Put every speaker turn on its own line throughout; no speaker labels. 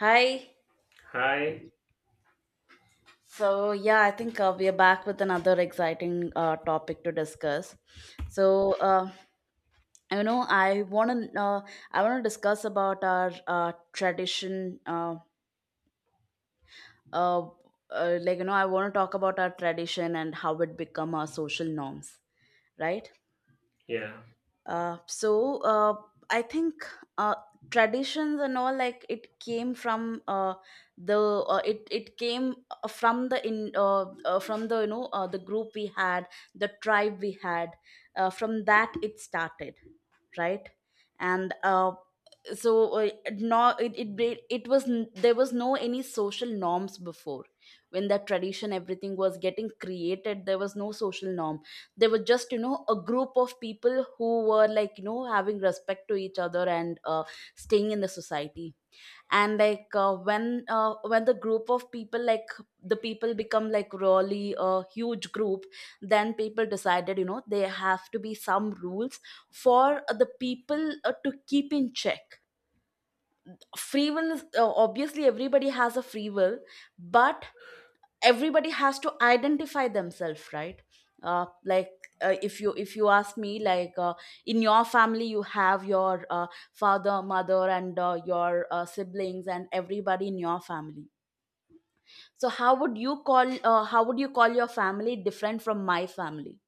Hi.
Hi.
I think we are back with another exciting topic to discuss. So, uh, I want to I want to discuss about our tradition. Uh, like, you know, I want to talk about our tradition and how it become our social norms, right?
Yeah,
Uh, so uh, I think uh, traditions and all, like, it came from the it came from the, you know, the group we had, the tribe we had. From that it started, right. And no there was no any social norms before. When that tradition everything was getting created, there was no social norm. There was just, you know, a group of people who were, like, you know, having respect to each other and staying in the society. And when when the group of people, like, the people become like really a huge group, then people decided, you know, there have to be some rules for the people to keep in check. Free will is obviously everybody has a free will, but everybody has to identify themselves, right? uh, like if you ask me, in your family you have your father, mother and your siblings and everybody in your family. So how would you call how would you call your family different from my family?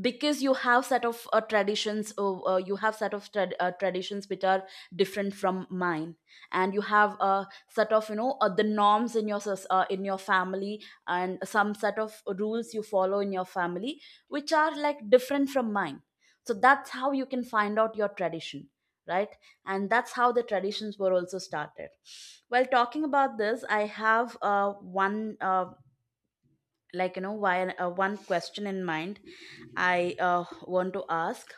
Because you have set of traditions, you have set of traditions which are different from mine. And you have a set of, you know, the norms in your in your family, and some set of rules you follow in your family which are like different from mine. So that's how you can find out your tradition, right. And that's how the traditions were also started. While talking about this I have one like, you know, while one question in mind I want to ask.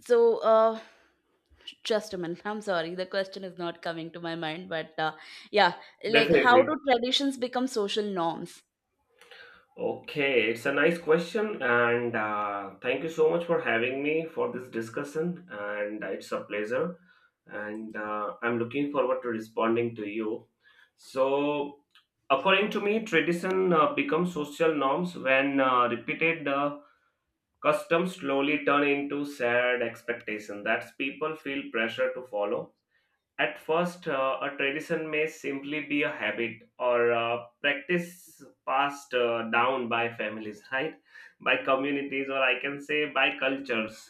so uh, just a minute. I'm sorry, the question is not coming to my mind, but yeah, like, how
definitely.
do traditions become social norms?
Okay, it's a nice question, and thank you so much for having me for this discussion. And it's a pleasure, and I'm looking forward to responding to you. So, according to me, tradition becomes social norms when repeated customs slowly turn into shared expectation that people feel pressure to follow. At first, a tradition may simply be a habit or a practice passed down by families, right? By communities, or I can say by cultures,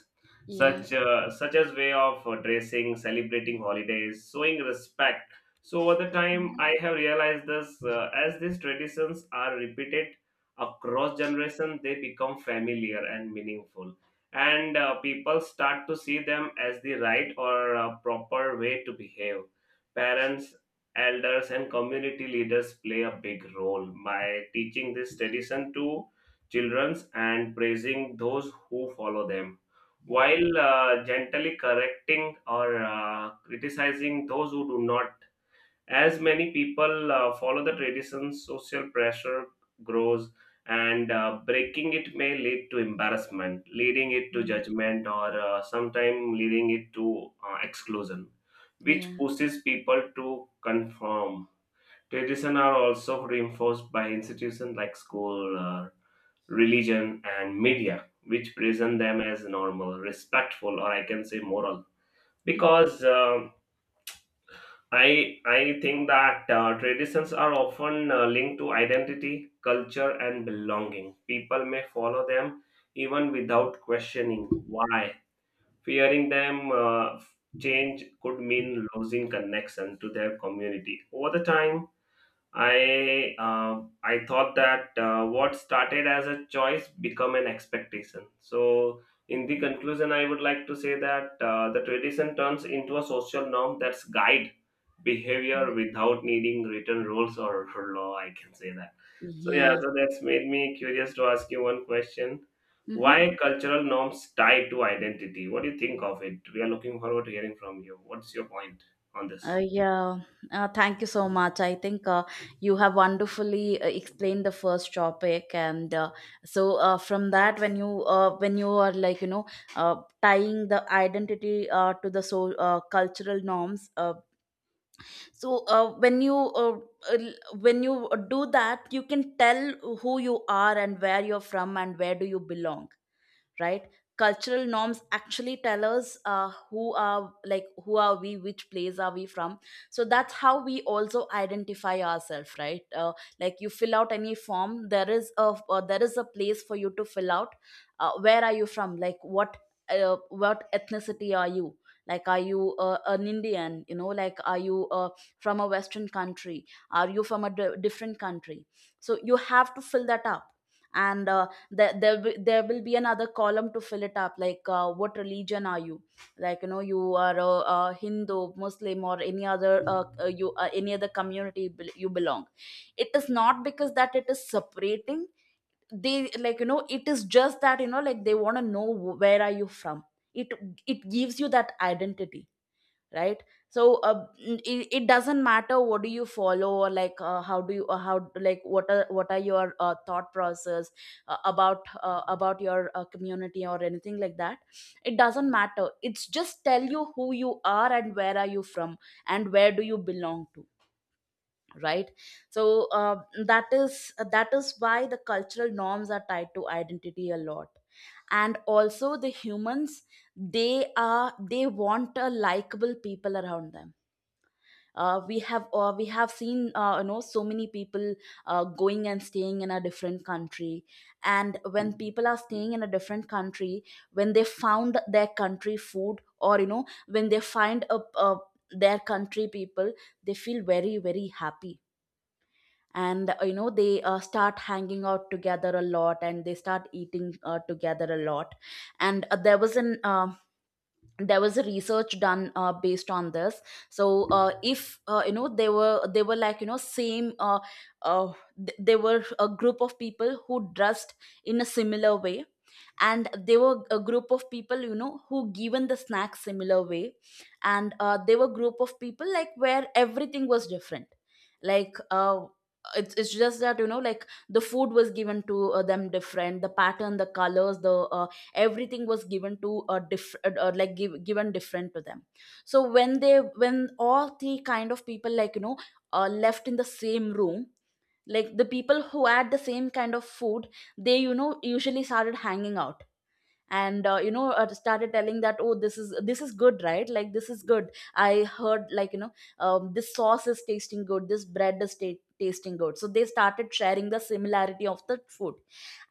Yeah,
such as way of dressing, celebrating holidays, showing respect. So over the time, I have realized this, as these traditions are repeated across generations, they become familiar and meaningful, and people start to see them as the right or proper way to behave. Parents, elders, and community leaders play a big role by teaching this tradition to children and praising those who follow them, while gently correcting or criticizing those who do not. As many people follow the tradition, social pressure grows, and breaking it may lead to embarrassment, leading it to
yeah,
judgment, or sometimes leading it to exclusion, which
yeah,
pushes people to conform. Traditions are also reinforced by institutions like school, religion, and media, which present them as normal, respectful, or I can say moral. Because I think that traditions are often linked to identity, culture, and belonging. People may follow them even without questioning why. Fearing them, change could mean losing connection to their community. Over the time, I thought that what started as a choice become an expectation. So, in the conclusion, I would like to say that the tradition turns into a social norm that's guide behavior without needing written rules or law, I can say that. So yeah, so that's made me curious to ask you one question:
yeah.
why cultural norms tied to identity? What do you think of it? We are looking forward to hearing from you. What's your point on this?
Yeah, thank you so much. I think you have wonderfully explained the first topic, and from that, when you are, like, you know, tying the identity to the, cultural norms. When you uh, when you do that, you can tell who you are and where you're from and where do you belong, right? Cultural norms actually tell us who are, like, who are we, which place are we from. So that's how we also identify ourselves, right? Like, you fill out any form, there is a place for you to fill out where are you from, like what, what ethnicity are you. Like, are you an Indian, you know, like, are you from a Western country, are you from a different country? So you have to fill that up. And there there, there will be another column to fill it up, like what religion are you. Like, you know, you are a Hindu, Muslim or any other, you any other community you belong. It is not because that it is separating. They, like, you know, it is just that, you know, like, they want to know where are you from. it it gives you that identity, right. so uh, it, it doesn't matter what do you follow, or like, how do you how, like, what are your thought process about your community or anything like that. It doesn't matter, it's just tell you who you are and where are you from and where do you belong to, right. so uh, that is that is why the cultural norms are tied to identity a lot. And also the humans, they are they want a likable people around them. We have seen, you know, so many people going and staying in a different country. And when people are staying in a different country, when they found their country food, or, you know, when they find a their country people, they feel very very happy. And you know, they start hanging out together a lot and they start eating together a lot. And there was a research done based on this. If you know, they were like, you know, same, they were a group of people who dressed in a similar way. And they were a group of people, you know, who given the snack similar way. And they were group of people like where everything was different. Like it's just that, you know, like, the food was given to them different, the pattern, the colors, the everything was given to different, like, given different to them. So when they when all three kind of people, like, you know, left in the same room, like, the people who had the same kind of food, they, you know, usually started hanging out, and you know, started telling that, oh, this is good, right, like, this is good, I heard, like, you know, this sauce is tasting good, this bread is tasting good. So they started sharing the similarity of the food.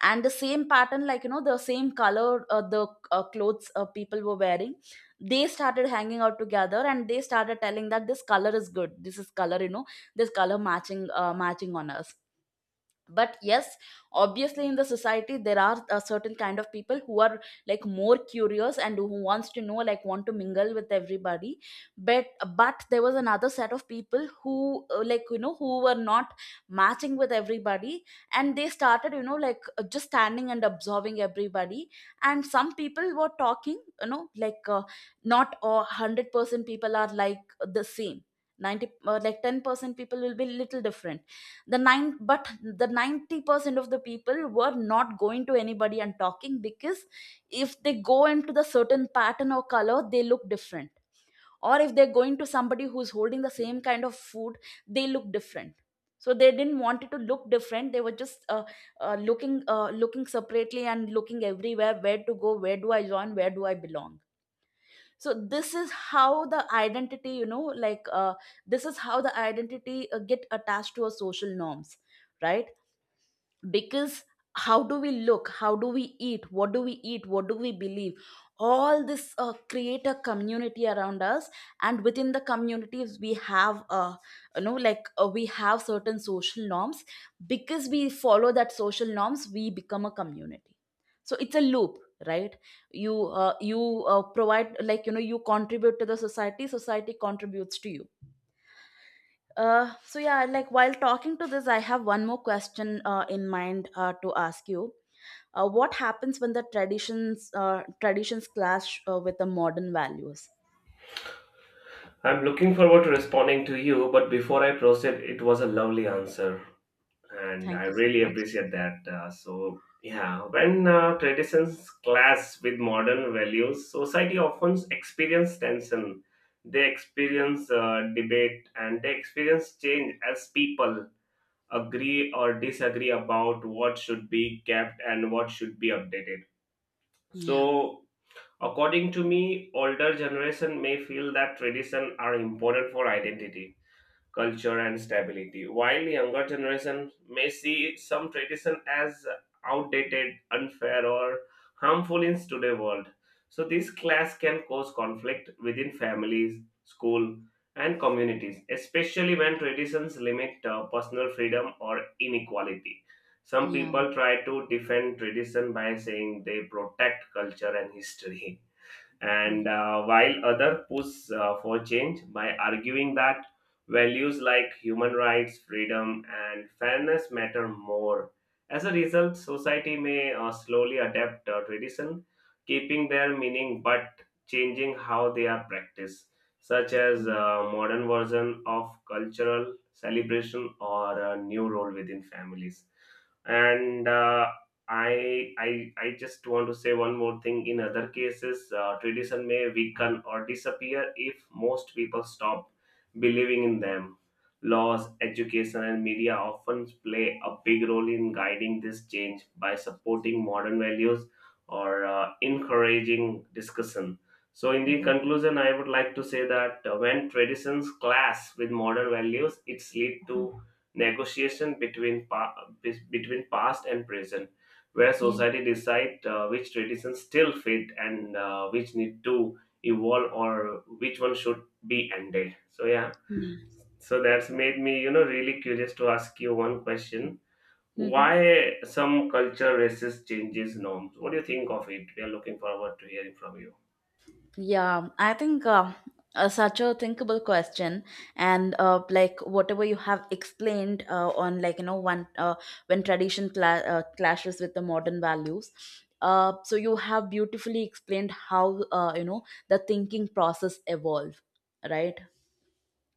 And the same pattern, like, you know, the same color, the clothes people were wearing, they started hanging out together, and they started telling that this color is good, this is color, you know, this color matching matching on us. But yes, obviously in the society there are a certain kind of people who are, like, more curious and who wants to know, like, want to mingle with everybody. but but there was another set of people who like, you know, who were not matching with everybody, and they started, you know, like, just standing and observing everybody. And some people were talking, you know, like, not 100% people are like the same. 90 like 10% people will be little different. The nine, but the 90% of the people were not going to anybody and talking, because if they go into the certain pattern or color they look different, or if they're going to somebody who's holding the same kind of food, they look different. So they didn't want it to look different. They were just looking, looking separately and looking everywhere, where to go, where do I join, where do I belong. So this is how the identity, you know, like, this is how the identity get attached to our social norms, right. Because how do we look, how do we eat, what do we eat, what do we believe, all this create a community around us. And within the communities we have, we have certain social norms, because we follow that social norms we become a community. So it's a loop, right. You provide, like, you know, you contribute to the society, society contributes to you. Like, while talking to this, I have one more question in mind to ask you. What happens when the traditions clash with the modern values?
I'm looking forward to responding to you, but before I proceed, it was a lovely answer and I
Thank you so
really
much.
appreciate that. So yeah, when traditions clash with modern values, society often experience tension. They experience debate and they experience change as people agree or disagree about what should be kept and what should be updated.
Yeah,
So according to me, older generation may feel that tradition are important for identity, culture, and stability. While the younger generation may see some tradition as outdated, unfair, or harmful in today's world, so this clash can cause conflict within families, school, and communities, especially when traditions limit personal freedom or inequality. Some
yeah,
people try to defend tradition by saying they protect culture and history, and
mm-hmm.
while other push for change by arguing that values like human rights, freedom, and fairness matter more. As a result, society may slowly adapt tradition, keeping their meaning but changing how they are practiced, such as modern version of cultural celebration or a new role within families. And I just want to say one more thing. In other cases, tradition may weaken or disappear if most people stop believing in them. Laws, education, and media often play a big role in guiding this change by supporting modern values or encouraging discussion. So, in the
Mm-hmm.
conclusion, I would like to say that when traditions clash with modern values, it's lead
Mm-hmm.
to negotiation between between past and present, where
Yeah,
society decide which traditions still fit and which need to evolve or which one should be ended. So yeah,
yeah.
so that's made me, you know, really curious to ask you one question:
Hmm.
why some culture racist changes norms? What do you think of it? We are looking forward to hearing from you.
Yeah, I think such a thinkable question, and like whatever you have explained on, like, you know, one when tradition clashes with the modern values. So you have beautifully explained how you know, the thinking process evolve, right?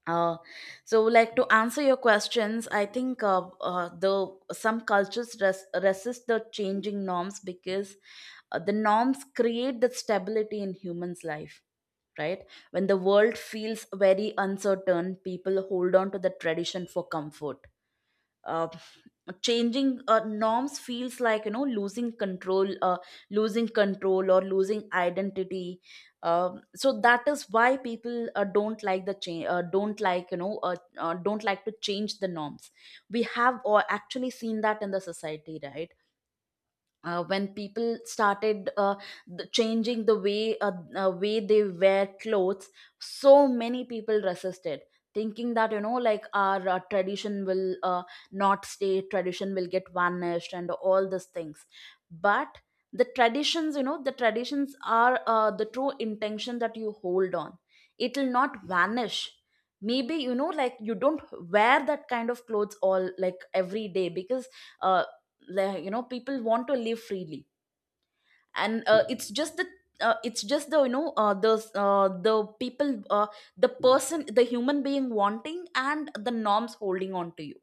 Uh, so like, to answer your questions, I think the some cultures resist the changing norms, because the norms create the stability in humans' life, right? When the world feels very uncertain, people hold on to the tradition for comfort. Uh, Changing norms feels like, you know, losing control, losing control or losing identity. So that is why people don't like the change, don't like, you know, don't like to change the norms. We have or actually seen that in the society, right? When people started changing the way they wear clothes, so many people resisted, thinking that you know like our tradition will not stay, tradition will get vanished and all these things. But the traditions are the true intention that you hold on, it will not vanish. Maybe, you know, like you don't wear that kind of clothes all, like, every day, because uh, like you know people want to live freely. And it's just the people the person, the human being wanting, and the norms holding on to you.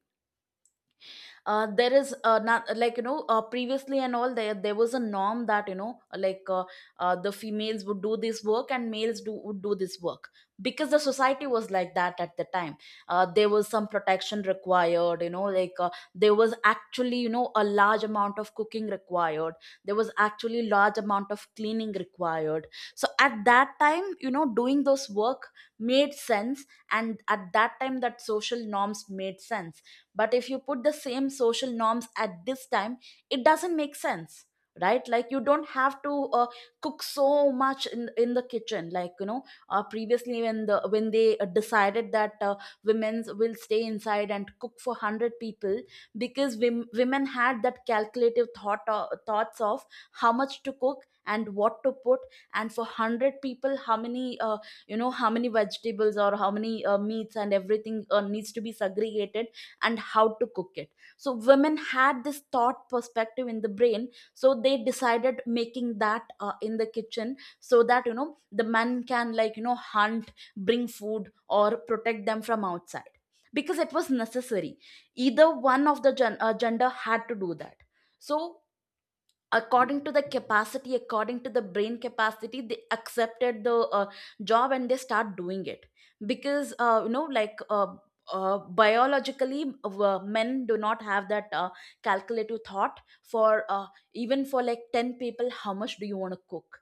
There is not, like you know, previously and all, there was a norm that you know like, the females would do this work and males do would do this work, because the society was like that at the time. There was some protection required, you know, like, there was actually, you know, a large amount of cooking required. There was actually large amount of cleaning required. So at that time, you know, doing those work made sense, and at that time that social norms made sense. But if you put the same social norms at this time, it doesn't make sense, right? Like you don't have to cook so much in the kitchen, like you know. Previously when the when they decided that women will stay inside and cook for 100 people, because women had that calculative thought thoughts of how much to cook and what to put, and for 100 people how many, you know, how many vegetables or how many meats, and everything needs to be segregated and how to cook it. So women had this thought perspective in the brain. So they decided making that in the kitchen, so that, you know, the men can, like you know, hunt, bring food or protect them from outside, because it was necessary. Either one of the gender had to do that. So, according to the capacity, according to the brain capacity, they accepted the job and they start doing it. Because, you know, like, biologically, men do not have that calculative thought for, even for like 10 people, how much do you want to cook.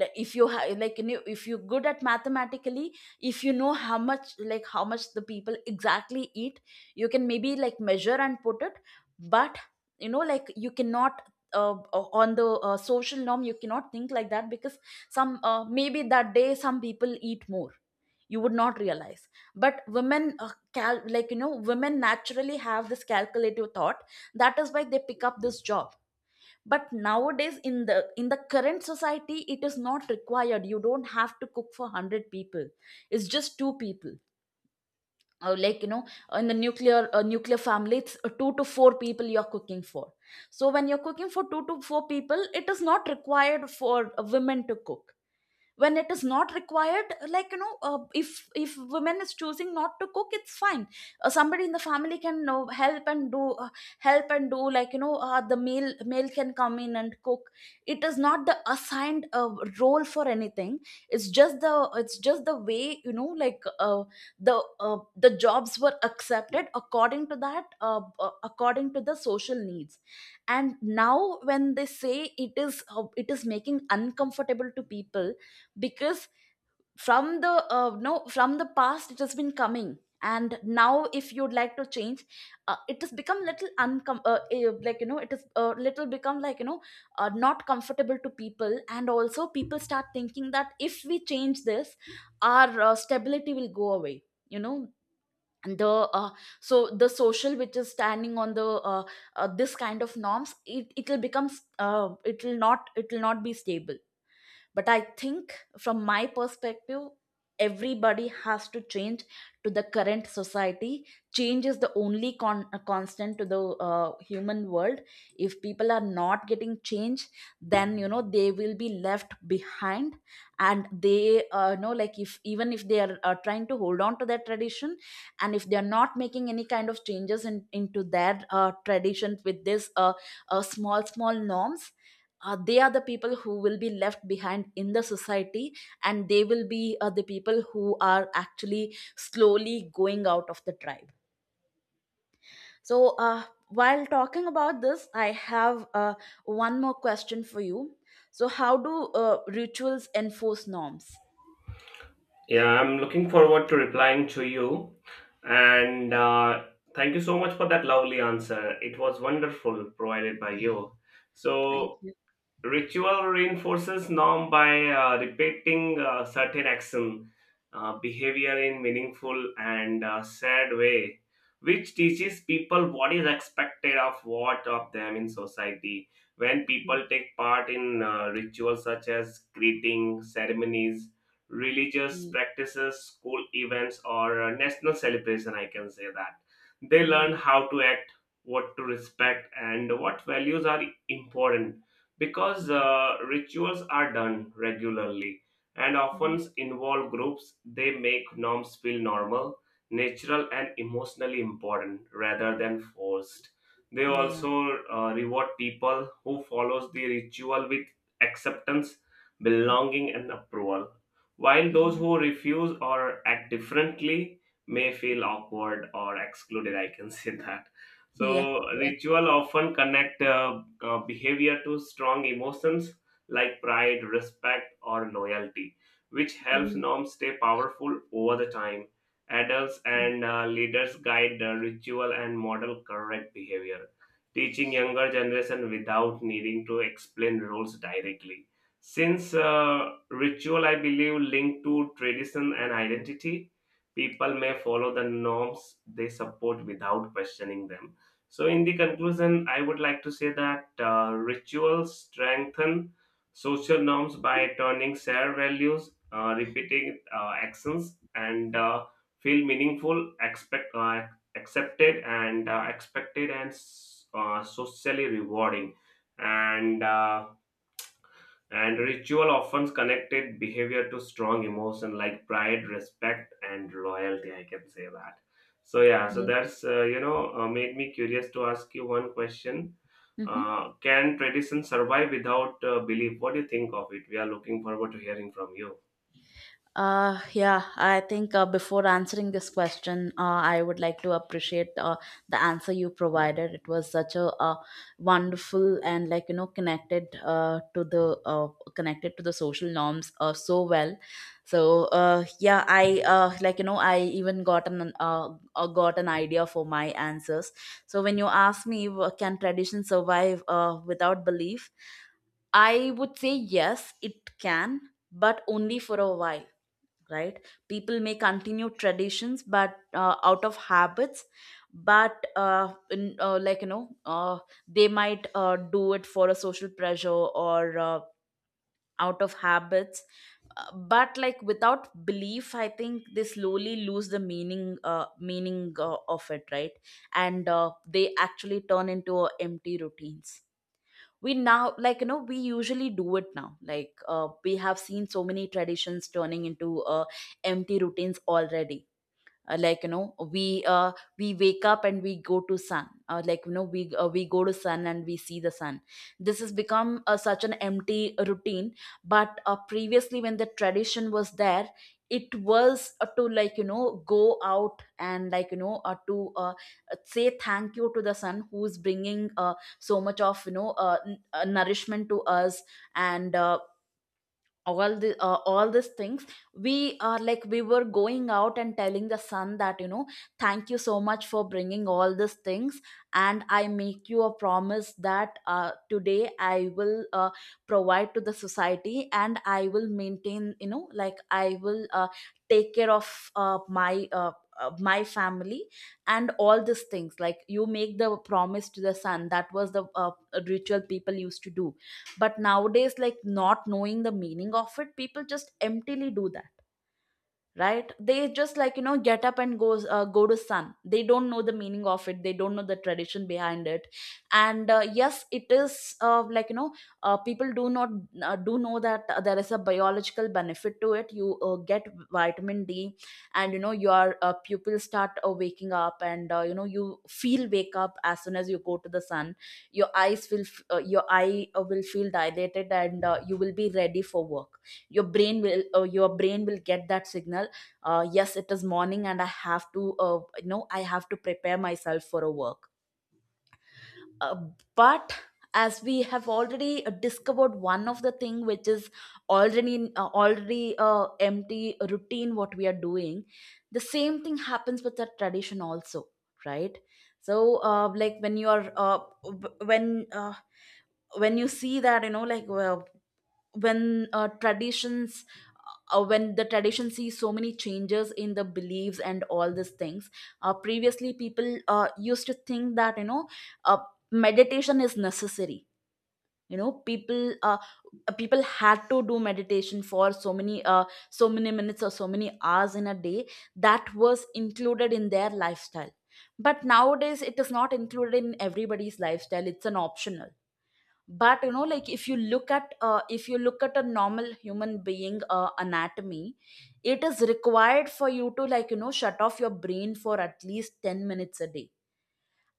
Like, if you have, like you know, if you're good at mathematically, if you know how much, like, how much the people exactly eat, you can maybe, like, measure and put it. But you know, like, you cannot on the social norm, you cannot think like that, because some, maybe that day some people eat more, you would not realize. But women like you know, women naturally have this calculative thought. That is why they pick up this job. But nowadays, in the current society, it is not required. You don't have to cook for 100 people, it's just two people. Or, like you know, in the nuclear family, it's two to four people you're cooking for. So when you're cooking for two to four people, it is not required for a women to cook. When it is not required, like you know, if women is choosing not to cook, it's fine. Somebody in the family can help and do, like you know, the male can come in and cook. It is not the assigned role for anything. it's just the it's just the way, you know, like, the uh, the jobs were accepted according to that, according to the social needs. And now when they say, it is making uncomfortable to people, because from the no from the past it has been coming, and now if you'd like to change, it has become little like you know, it is a little become, like you know, not comfortable to people. And also people start thinking that if we change this, our stability will go away, you know. And the so the social which is standing on the, uh, this kind of norms, it will become, it will not be stable. But I think, from my perspective, everybody has to change to the current society. Change is the only constant to the human world. If people are not getting change, then you know they will be left behind. And they, you know, like, if even if they are trying to hold on to their tradition, and if they are not making any kind of changes into their tradition, with this small small norms, they are the people who will be left behind in the society. And they will be the people who are actually slowly going out of the tribe. So, while talking about this, I have one more question for you. So how do rituals enforce norms?
Yeah, I'm looking forward to replying to you. And thank you so much for that lovely answer. It was wonderful provided by you.
Thank
So,
you.
ritual reinforces norm by repeating certain action, behavior in meaningful and sad way, which teaches people what is expected of what of them in society. When people take part in rituals such as greeting ceremonies, religious
Mhm.
practices, school events, or national celebration, I can say that they
Mhm.
learn
Yeah.
how to act, what to respect, and what values are important. Because rituals are done regularly and
Mhm.
often involve groups, they make norms feel normal, natural, and emotionally important rather than forced. They
Yeah.
also reward people who follows the ritual with acceptance, belonging, and approval, while those
Mhm.
who refuse or act differently may feel awkward or excluded, I can say that. So
Yeah. Yeah.
ritual often connect behavior to strong emotions like pride, respect, or loyalty, which helps
Mhm.
norms stay powerful over the time. Adults
Mhm.
and leaders guide the ritual and model correct behavior, teaching younger generation without needing to explain rules directly. Since ritual, I believe, linked to tradition and identity, people may follow the norms they support without questioning them. So, in the conclusion, I would like to say that rituals strengthen social norms by turning shared values, repeating actions, and feel meaningful, accepted, and expected, and socially rewarding. And uh, and ritual often connected behavior to strong emotion like pride, respect, and loyalty. I can say that. So yeah, so
Yeah.
that's you know, made me curious to ask you one question.
Mhm.
Can tradition survive without belief? What do you think of it? We are looking forward to hearing from you.
Yeah, I think, before answering this question, I would like to appreciate the answer you provided. It was such a wonderful and like you know connected, to the connected to the social norms so well. So, yeah, I like you know, I even got an idea for my answers. So when you ask me, can tradition survive without belief? I would say yes, it can, but only for a while, right? People may continue traditions, but out of habits. But like you know, they might do it for a social pressure, or out of habits. Uh, but like, without belief, I think they slowly lose the meaning uh, meaning uh, of it, right? And they actually turn into empty routines. We now, like you know, we usually do it now, like, we have seen so many traditions turning into empty routines already. Like you know, we wake up and we go to sun, like you know, we go to sun and we see the sun. This has become such an empty routine. But previously, when the tradition was there, it was to, like you know, go out and, like you know, to say thank you to the sun who's bringing so much of, you know, nourishment to us. And all these things. We are, like, we were going out and telling the sun that, you know, thank you so much for bringing all these things. And I make you a promise that, today I will provide to the society, and I will maintain, you know, like, I will take care of my family and all these things. Like, you make the promise to the sun. That was the ritual people used to do. But nowadays, like, not knowing the meaning of it, people just emptily do that, right? They just, like you know, get up and goes go to sun. They don't know the meaning of it, they don't know the tradition behind it. And, yes, it is, like you know, people do not do know that there is a biological benefit to it. You get vitamin D. And you know your pupils start waking up, and, you know, you feel wake up as soon as you go to the sun. Your eye will feel dilated, and you will be ready for work. Your brain will get that signal, yes, it is morning, and I have to, you know, I have to prepare myself for a work. uh, but as we have already discovered one of the thing, which is already empty routine what we are doing, the same thing happens with the tradition also, right? So, like when when you see that, you know, like, well, when uh, traditions when the tradition sees so many changes in the beliefs and all these things, previously people used to think that, you know, uh, meditation is necessary. You know, people had to do meditation for so many minutes, or so many hours in a day. That was included in their lifestyle. But nowadays, it is not included in everybody's lifestyle, it's an optional. But you know, like, if you look at a normal human being anatomy, it is required for you to, like you know, shut off your brain for at least 10 minutes a day.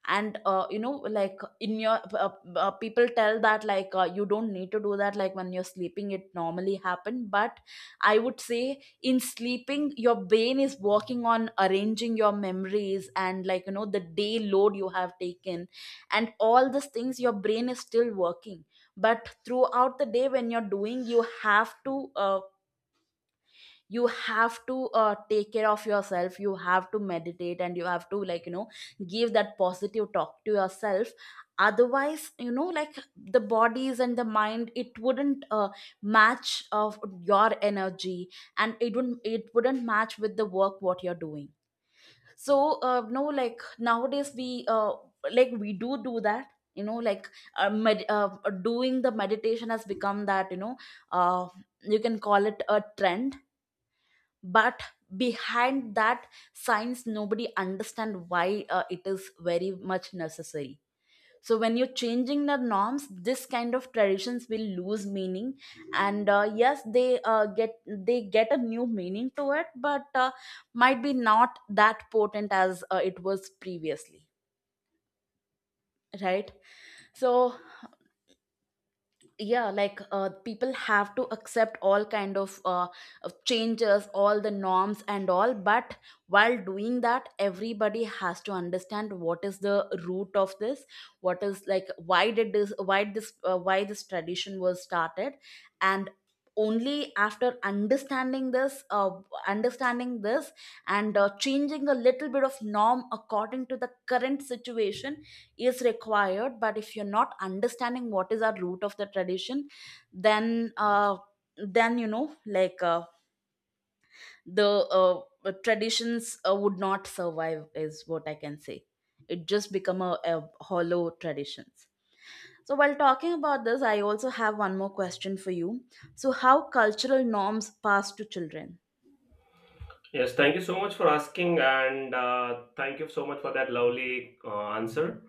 And you know, like, in your people tell that, like, you don't need to do that, like when you're sleeping it normally happen. But I would say, in sleeping your brain is working on arranging your memories and, like you know, the day load you have taken, and all these things, your brain is still working. But throughout the day, when you're doing, you have to take care of yourself, you have to meditate, and you have to, like you know, give that positive talk to yourself. Otherwise, you know, like, the bodies and the mind, it wouldn't match of your energy, and it wouldn't match with the work what you're doing. So, no, like, nowadays we like we do do that, you know, like, uh, med- uh, doing the meditation has become that, you know, uh, you can call it a trend. But behind that science, nobody understand why it is very much necessary. So when you're changing the norms, this kind of traditions will lose meaning. And yes, they get a new meaning to it, but might be not that potent as it was previously, right? So yeah, like, people have to accept all kind of changes, all the norms and all. But while doing that, everybody has to understand what is the root of this. What is, like, why this tradition was started. And only after understanding this, and changing a little bit of norm according to the current situation, is required. But if you're not understanding what is our root of the tradition, then uh, then, you know, like, the traditions would not survive is what I can say. It just become a hollow traditions. So while talking about this, I also have one more question for you. So how cultural norms pass to children?
Yes, thank you so much for asking, and thank you so much for that lovely answer.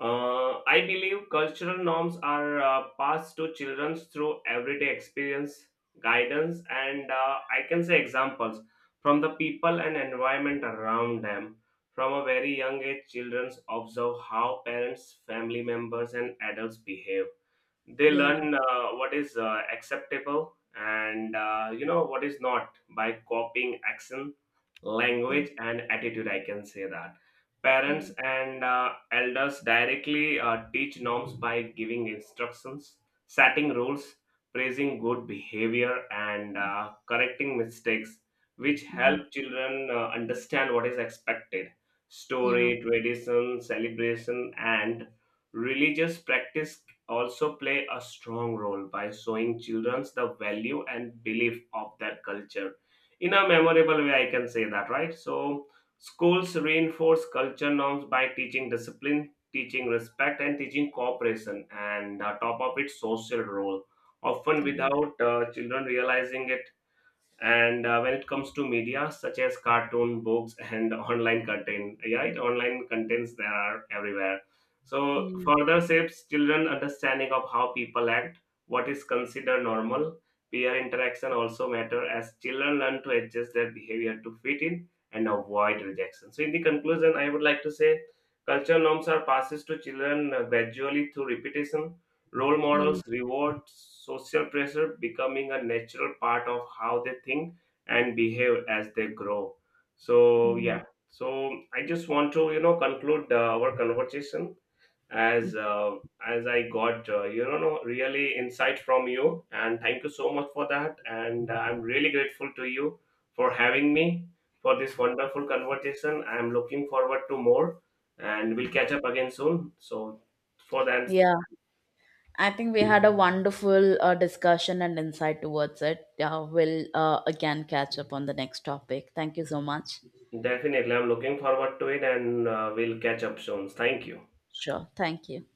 I believe cultural norms are passed to children through everyday experience, guidance, and I can say examples from the people and environment around them. From a very young age, children observe how parents, family members, and adults behave. They
Yeah.
learn what is acceptable and, you know, what is not by copying actions,
Mm-hmm.
language, and attitude, I can say that. Parents
Mm-hmm.
and elders directly teach norms by giving instructions, setting rules, praising good behavior, and correcting mistakes, which help children understand what is expected.
Yeah.
Story, tradition, celebration, and religious practice also play a strong role by showing children the value and belief of their culture in a memorable way, I can say that. Right, so schools reinforce culture norms by teaching discipline, teaching respect, and teaching cooperation, and top of its social role, often
Yeah.
without children realizing it. And when it comes to media such as cartoon books and online content, yeah, it online contents there are everywhere, so
Yeah.
further shapes children understanding of how people act, what is considered normal. Peer interaction also matter as children learn to adjust their behavior to fit in and avoid rejection. So, in the conclusion, I would like to say culture norms are passes to children gradually through repetition. Role
Mhm.
models, reward, social pressure, becoming a natural part of how they think and behave as they grow. So, yeah. So, I just want to, you know, conclude our conversation
Mm.
as as I got, you know, no, really insight from you, and thank you so much for that. And I'm really grateful to you for having me for this wonderful conversation. I'm looking forward to more, and we'll catch up again soon. So, for that,
Yeah. I think we had a wonderful discussion and insight towards it. Yeah, we'll again catch up on the next topic. Thank you so much.
definitely. I'm looking forward to it and we'll catch up soon. Thank you.
Sure. Thank you.